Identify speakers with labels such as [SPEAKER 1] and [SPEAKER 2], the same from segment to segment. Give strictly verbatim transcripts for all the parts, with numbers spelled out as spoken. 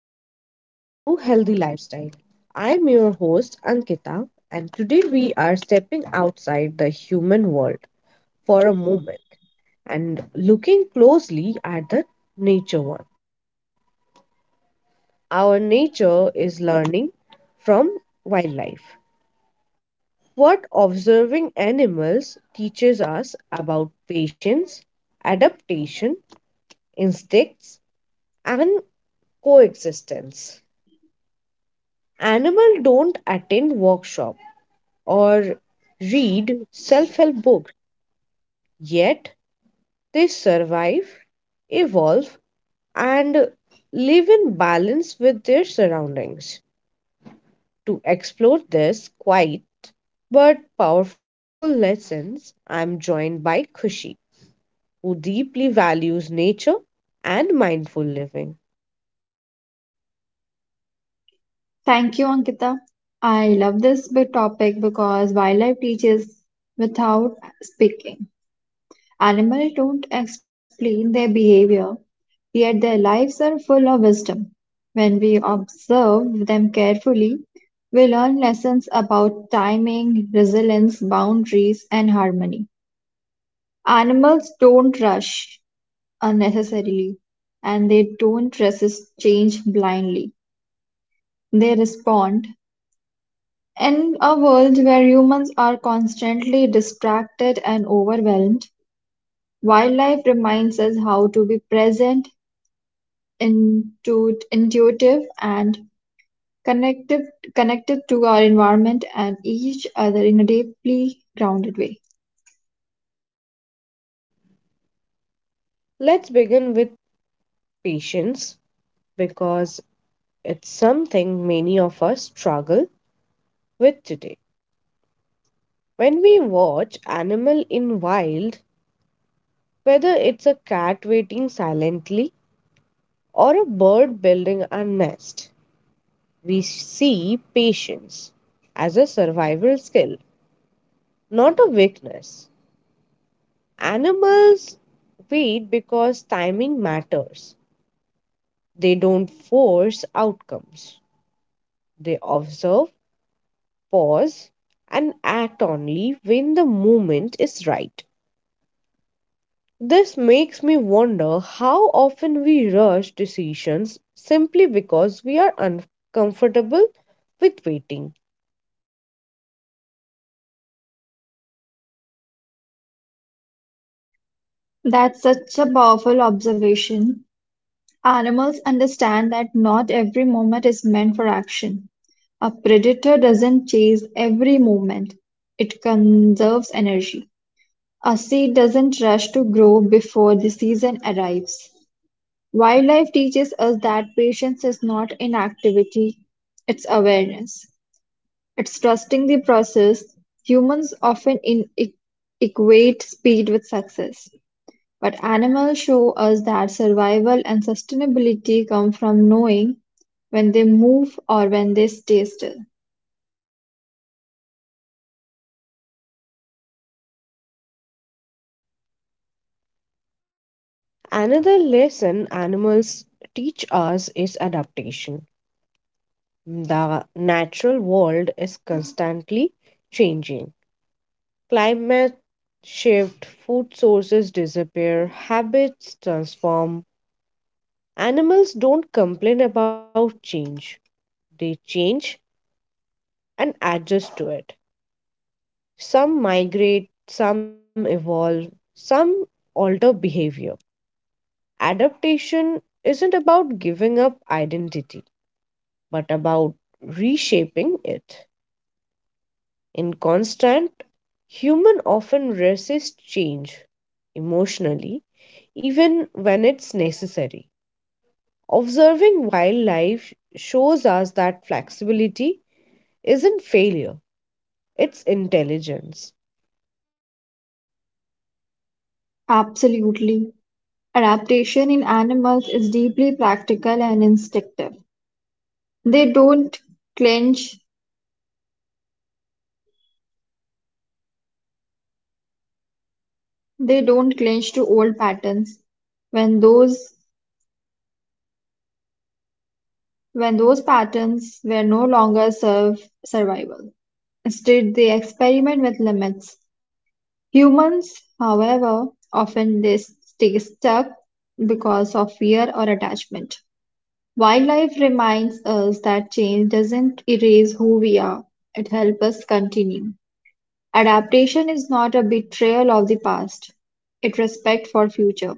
[SPEAKER 1] and welcome back to Healthy Lifestyle. I'm your host, Ankita, and today we are stepping outside the human world for a moment and looking closely at the nature one. Our nature is learning from wildlife. What observing animals teaches us about patience, adaptation, instincts, and coexistence. Animals don't attend workshops or read self help books, yet they survive, evolve, and live in balance with their surroundings. To explore this quiet but powerful lessons, I'm joined by Kushi, who deeply values nature and mindful living.
[SPEAKER 2] Thank you, Ankita. I love this big topic because wildlife teaches without speaking. Animals don't explain their behavior, yet their lives are full of wisdom. When we observe them carefully, we learn lessons about timing, resilience, boundaries, and harmony. Animals don't rush unnecessarily, and they don't resist change blindly. They respond. In a world where humans are constantly distracted and overwhelmed, wildlife reminds us how to be present, intu- intuitive, and connective, connected to our environment and each other in a deeply grounded way.
[SPEAKER 1] Let's begin with patience because it's something many of us struggle with today. When we watch animal in wild, whether it's a cat waiting silently or a bird building a nest, we see patience as a survival skill, not a weakness. Animals wait because timing matters. They don't force outcomes. They observe, pause, and act only when the moment is right. This makes me wonder how often we rush decisions simply because we are uncomfortable with waiting.
[SPEAKER 2] That's such a powerful observation. Animals understand that not every moment is meant for action. A predator doesn't chase every moment, it conserves energy. A seed doesn't rush to grow before the season arrives. Wildlife teaches us that patience is not inactivity, it's awareness. It's trusting the process. Humans often in- e- equate speed with success, but animals show us that survival and sustainability come from knowing when they move or when they stay still.
[SPEAKER 1] Another lesson animals teach us is adaptation. The natural world is constantly changing. Climate shift, food sources disappear, habits transform. Animals don't complain about change, they change and adjust to it. Some migrate, some evolve, some alter behavior. Adaptation isn't about giving up identity, but about reshaping it. In constant, human often resist change emotionally, even when it's necessary. Observing wildlife shows us that flexibility isn't failure, it's intelligence.
[SPEAKER 2] Absolutely. Adaptation in animals is deeply practical and instinctive. They don't clench they don't clench to old patterns when those when those patterns were no longer serve survival. Instead they experiment with limits. Humans, however, often they stay stuck because of fear or attachment. Wildlife reminds us that change doesn't erase who we are, it helps us continue. Adaptation is not a betrayal of the past, it respect for future.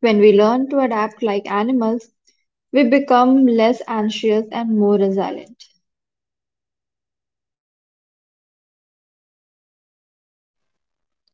[SPEAKER 2] When we learn to adapt like animals, we become less anxious and more resilient.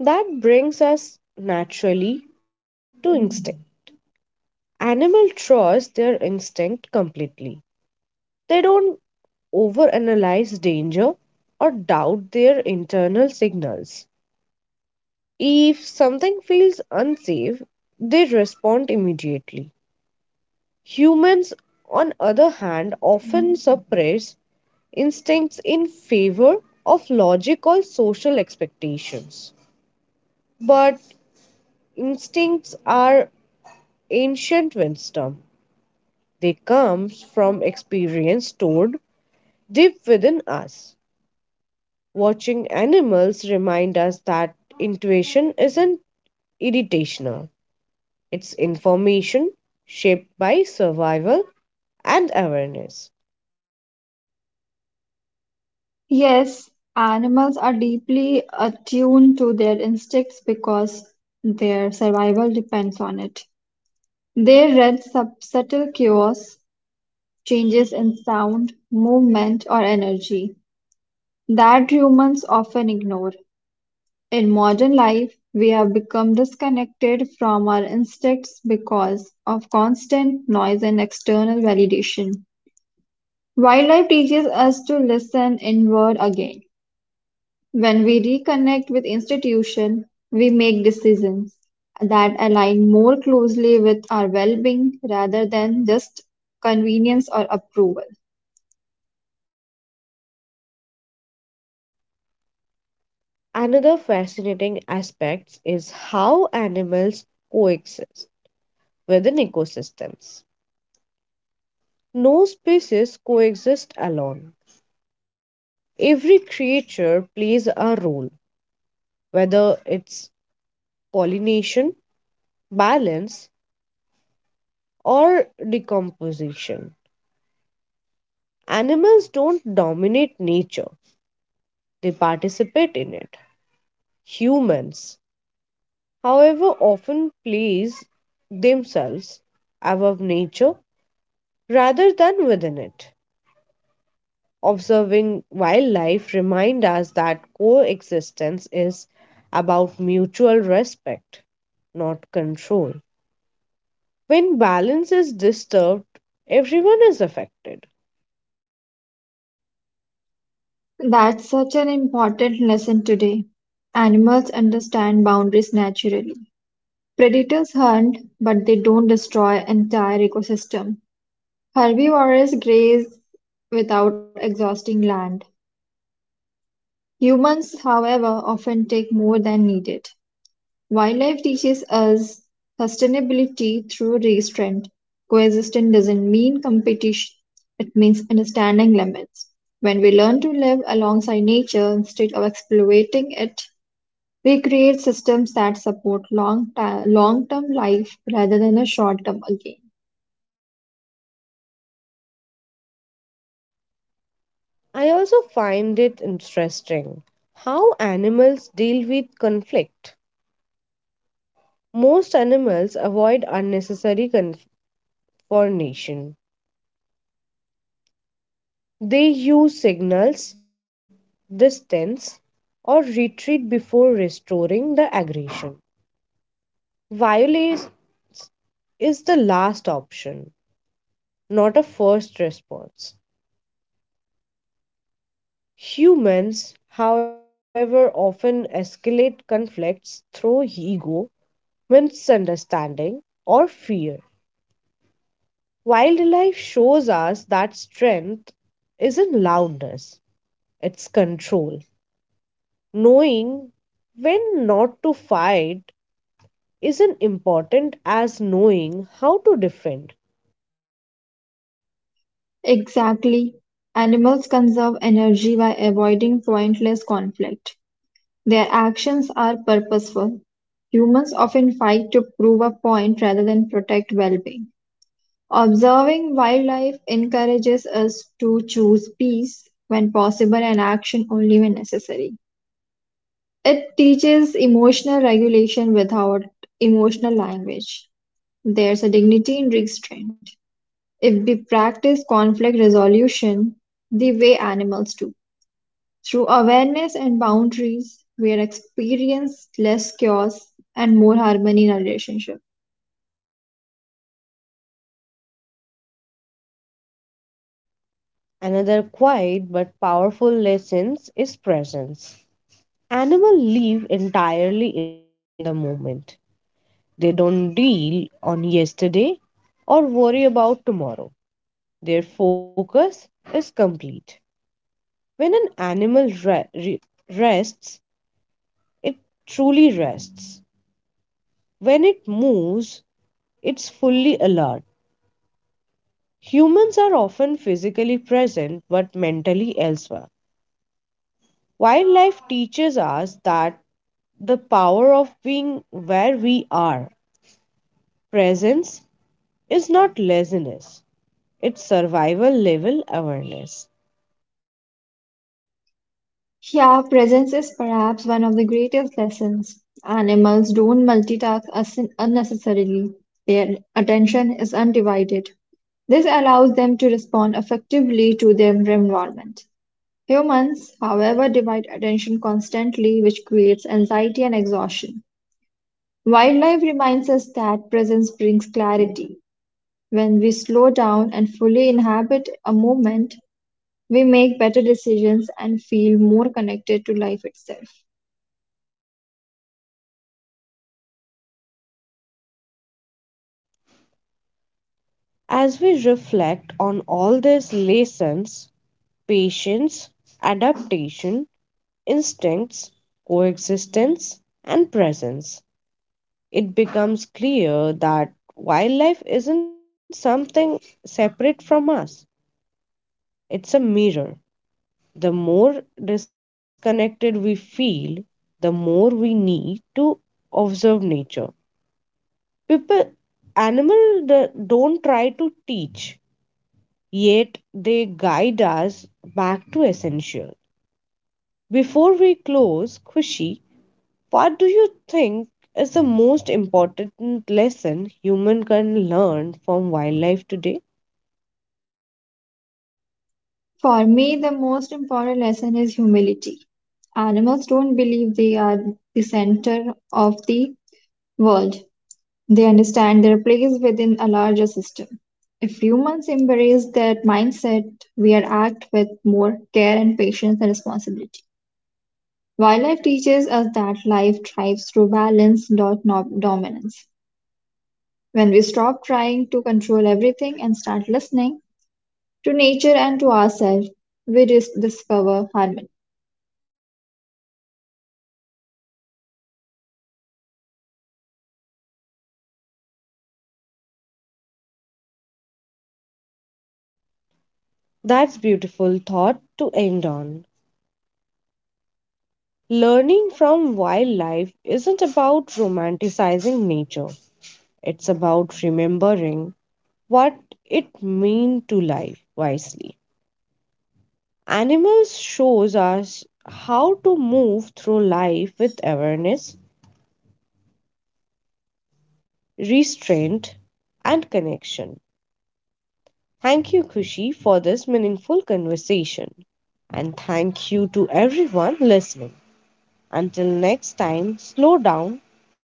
[SPEAKER 1] That brings us naturally to instinct. Animal trust their instinct completely. They don't overanalyze danger or doubt their internal signals. If something feels unsafe, they respond immediately. Humans, on other hand, often suppress instincts in favor of logic or social expectations. But instincts are ancient wisdom. They come from experience stored deep within us. Watching animals remind us that intuition isn't irritational, it's information shaped by survival and awareness.
[SPEAKER 2] Yes, animals are deeply attuned to their instincts because their survival depends on it. They read sub- subtle cues, changes in sound, movement, or energy that humans often ignore. In modern life, we have become disconnected from our instincts because of constant noise and external validation. Wildlife teaches us to listen inward again. When we reconnect with institution, we make decisions that align more closely with our well-being rather than just convenience or approval.
[SPEAKER 1] Another fascinating aspect is how animals coexist within ecosystems. No species coexist alone. Every creature plays a role, whether it's pollination, balance, or decomposition. Animals don't dominate nature, they participate in it. Humans, however, often place themselves above nature rather than within it. Observing wildlife reminds us that coexistence is about mutual respect, not control. When balance is disturbed, everyone is affected.
[SPEAKER 2] That's such an important lesson today. Animals understand boundaries naturally. Predators hunt, but they don't destroy entire ecosystem. Herbivores graze without exhausting land. Humans, however, often take more than needed. Wildlife teaches us sustainability through restraint. Coexistence doesn't mean competition, it means understanding limits. When we learn to live alongside nature instead of exploiting it, we create systems that support long long term life rather than a short term gain.
[SPEAKER 1] I also find it interesting how animals deal with conflict. Most animals avoid unnecessary confrontation. They use signals, distance, or retreat before restoring the aggression. Violence is the last option, not a first response. Humans, however, often escalate conflicts through ego, misunderstanding, or fear. Wildlife shows us that strength isn't loudness, it's control. Knowing when not to fight isn't important as knowing how to defend.
[SPEAKER 2] Exactly. Animals conserve energy by avoiding pointless conflict. Their actions are purposeful. Humans often fight to prove a point rather than protect well being. Observing wildlife encourages us to choose peace when possible and action only when necessary. It teaches emotional regulation without emotional language. There's a dignity in restraint. If we practice conflict resolution the way animals do, through awareness and boundaries, we experience less chaos and more harmony in our relationship.
[SPEAKER 1] Another quiet but powerful lesson is presence. Animals live entirely in the moment. They don't deal on yesterday or worry about tomorrow. Their focus is complete. When an animal re- re- rests, it truly rests. When it moves, it's fully alert. Humans are often physically present but mentally elsewhere. Wildlife teaches us that the power of being where we are. Presence is not laziness, it's survival level awareness.
[SPEAKER 2] Yeah, presence is perhaps one of the greatest lessons. Animals don't multitask us unnecessarily. Their attention is undivided. This allows them to respond effectively to their environment. Humans, however, divide attention constantly, which creates anxiety and exhaustion. Wildlife reminds us that presence brings clarity. When we slow down and fully inhabit a moment, we make better decisions and feel more connected to life itself.
[SPEAKER 1] As we reflect on all these lessons patience, adaptation, instincts, coexistence, and presence it becomes clear that wildlife isn't something separate from us. It's a mirror. The more disconnected we feel, the more we need to observe nature. People, animal, the don't try to teach, yet they guide us back to essential. Before we close, Kushi, what do you think is the most important lesson human can learn from wildlife today?
[SPEAKER 2] For me, the most important lesson is humility. Animals don't believe they are the center of the world, they understand their place within a larger system. If humans embrace that mindset, we are act with more care and patience and responsibility. Wildlife teaches us that life thrives through balance, not no- dominance. When we stop trying to control everything and start listening to nature and to ourselves, we dis- discover harmony.
[SPEAKER 1] That's beautiful thought to end on. Learning from wildlife isn't about romanticizing nature, it's about remembering what it means to life wisely. Animals shows us how to move through life with awareness, restraint, and connection. Thank you, Kushi, for this meaningful conversation. And thank you to everyone listening. Until next time, slow down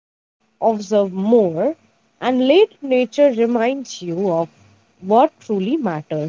[SPEAKER 1] observe more, and let nature reminds you of what truly matters.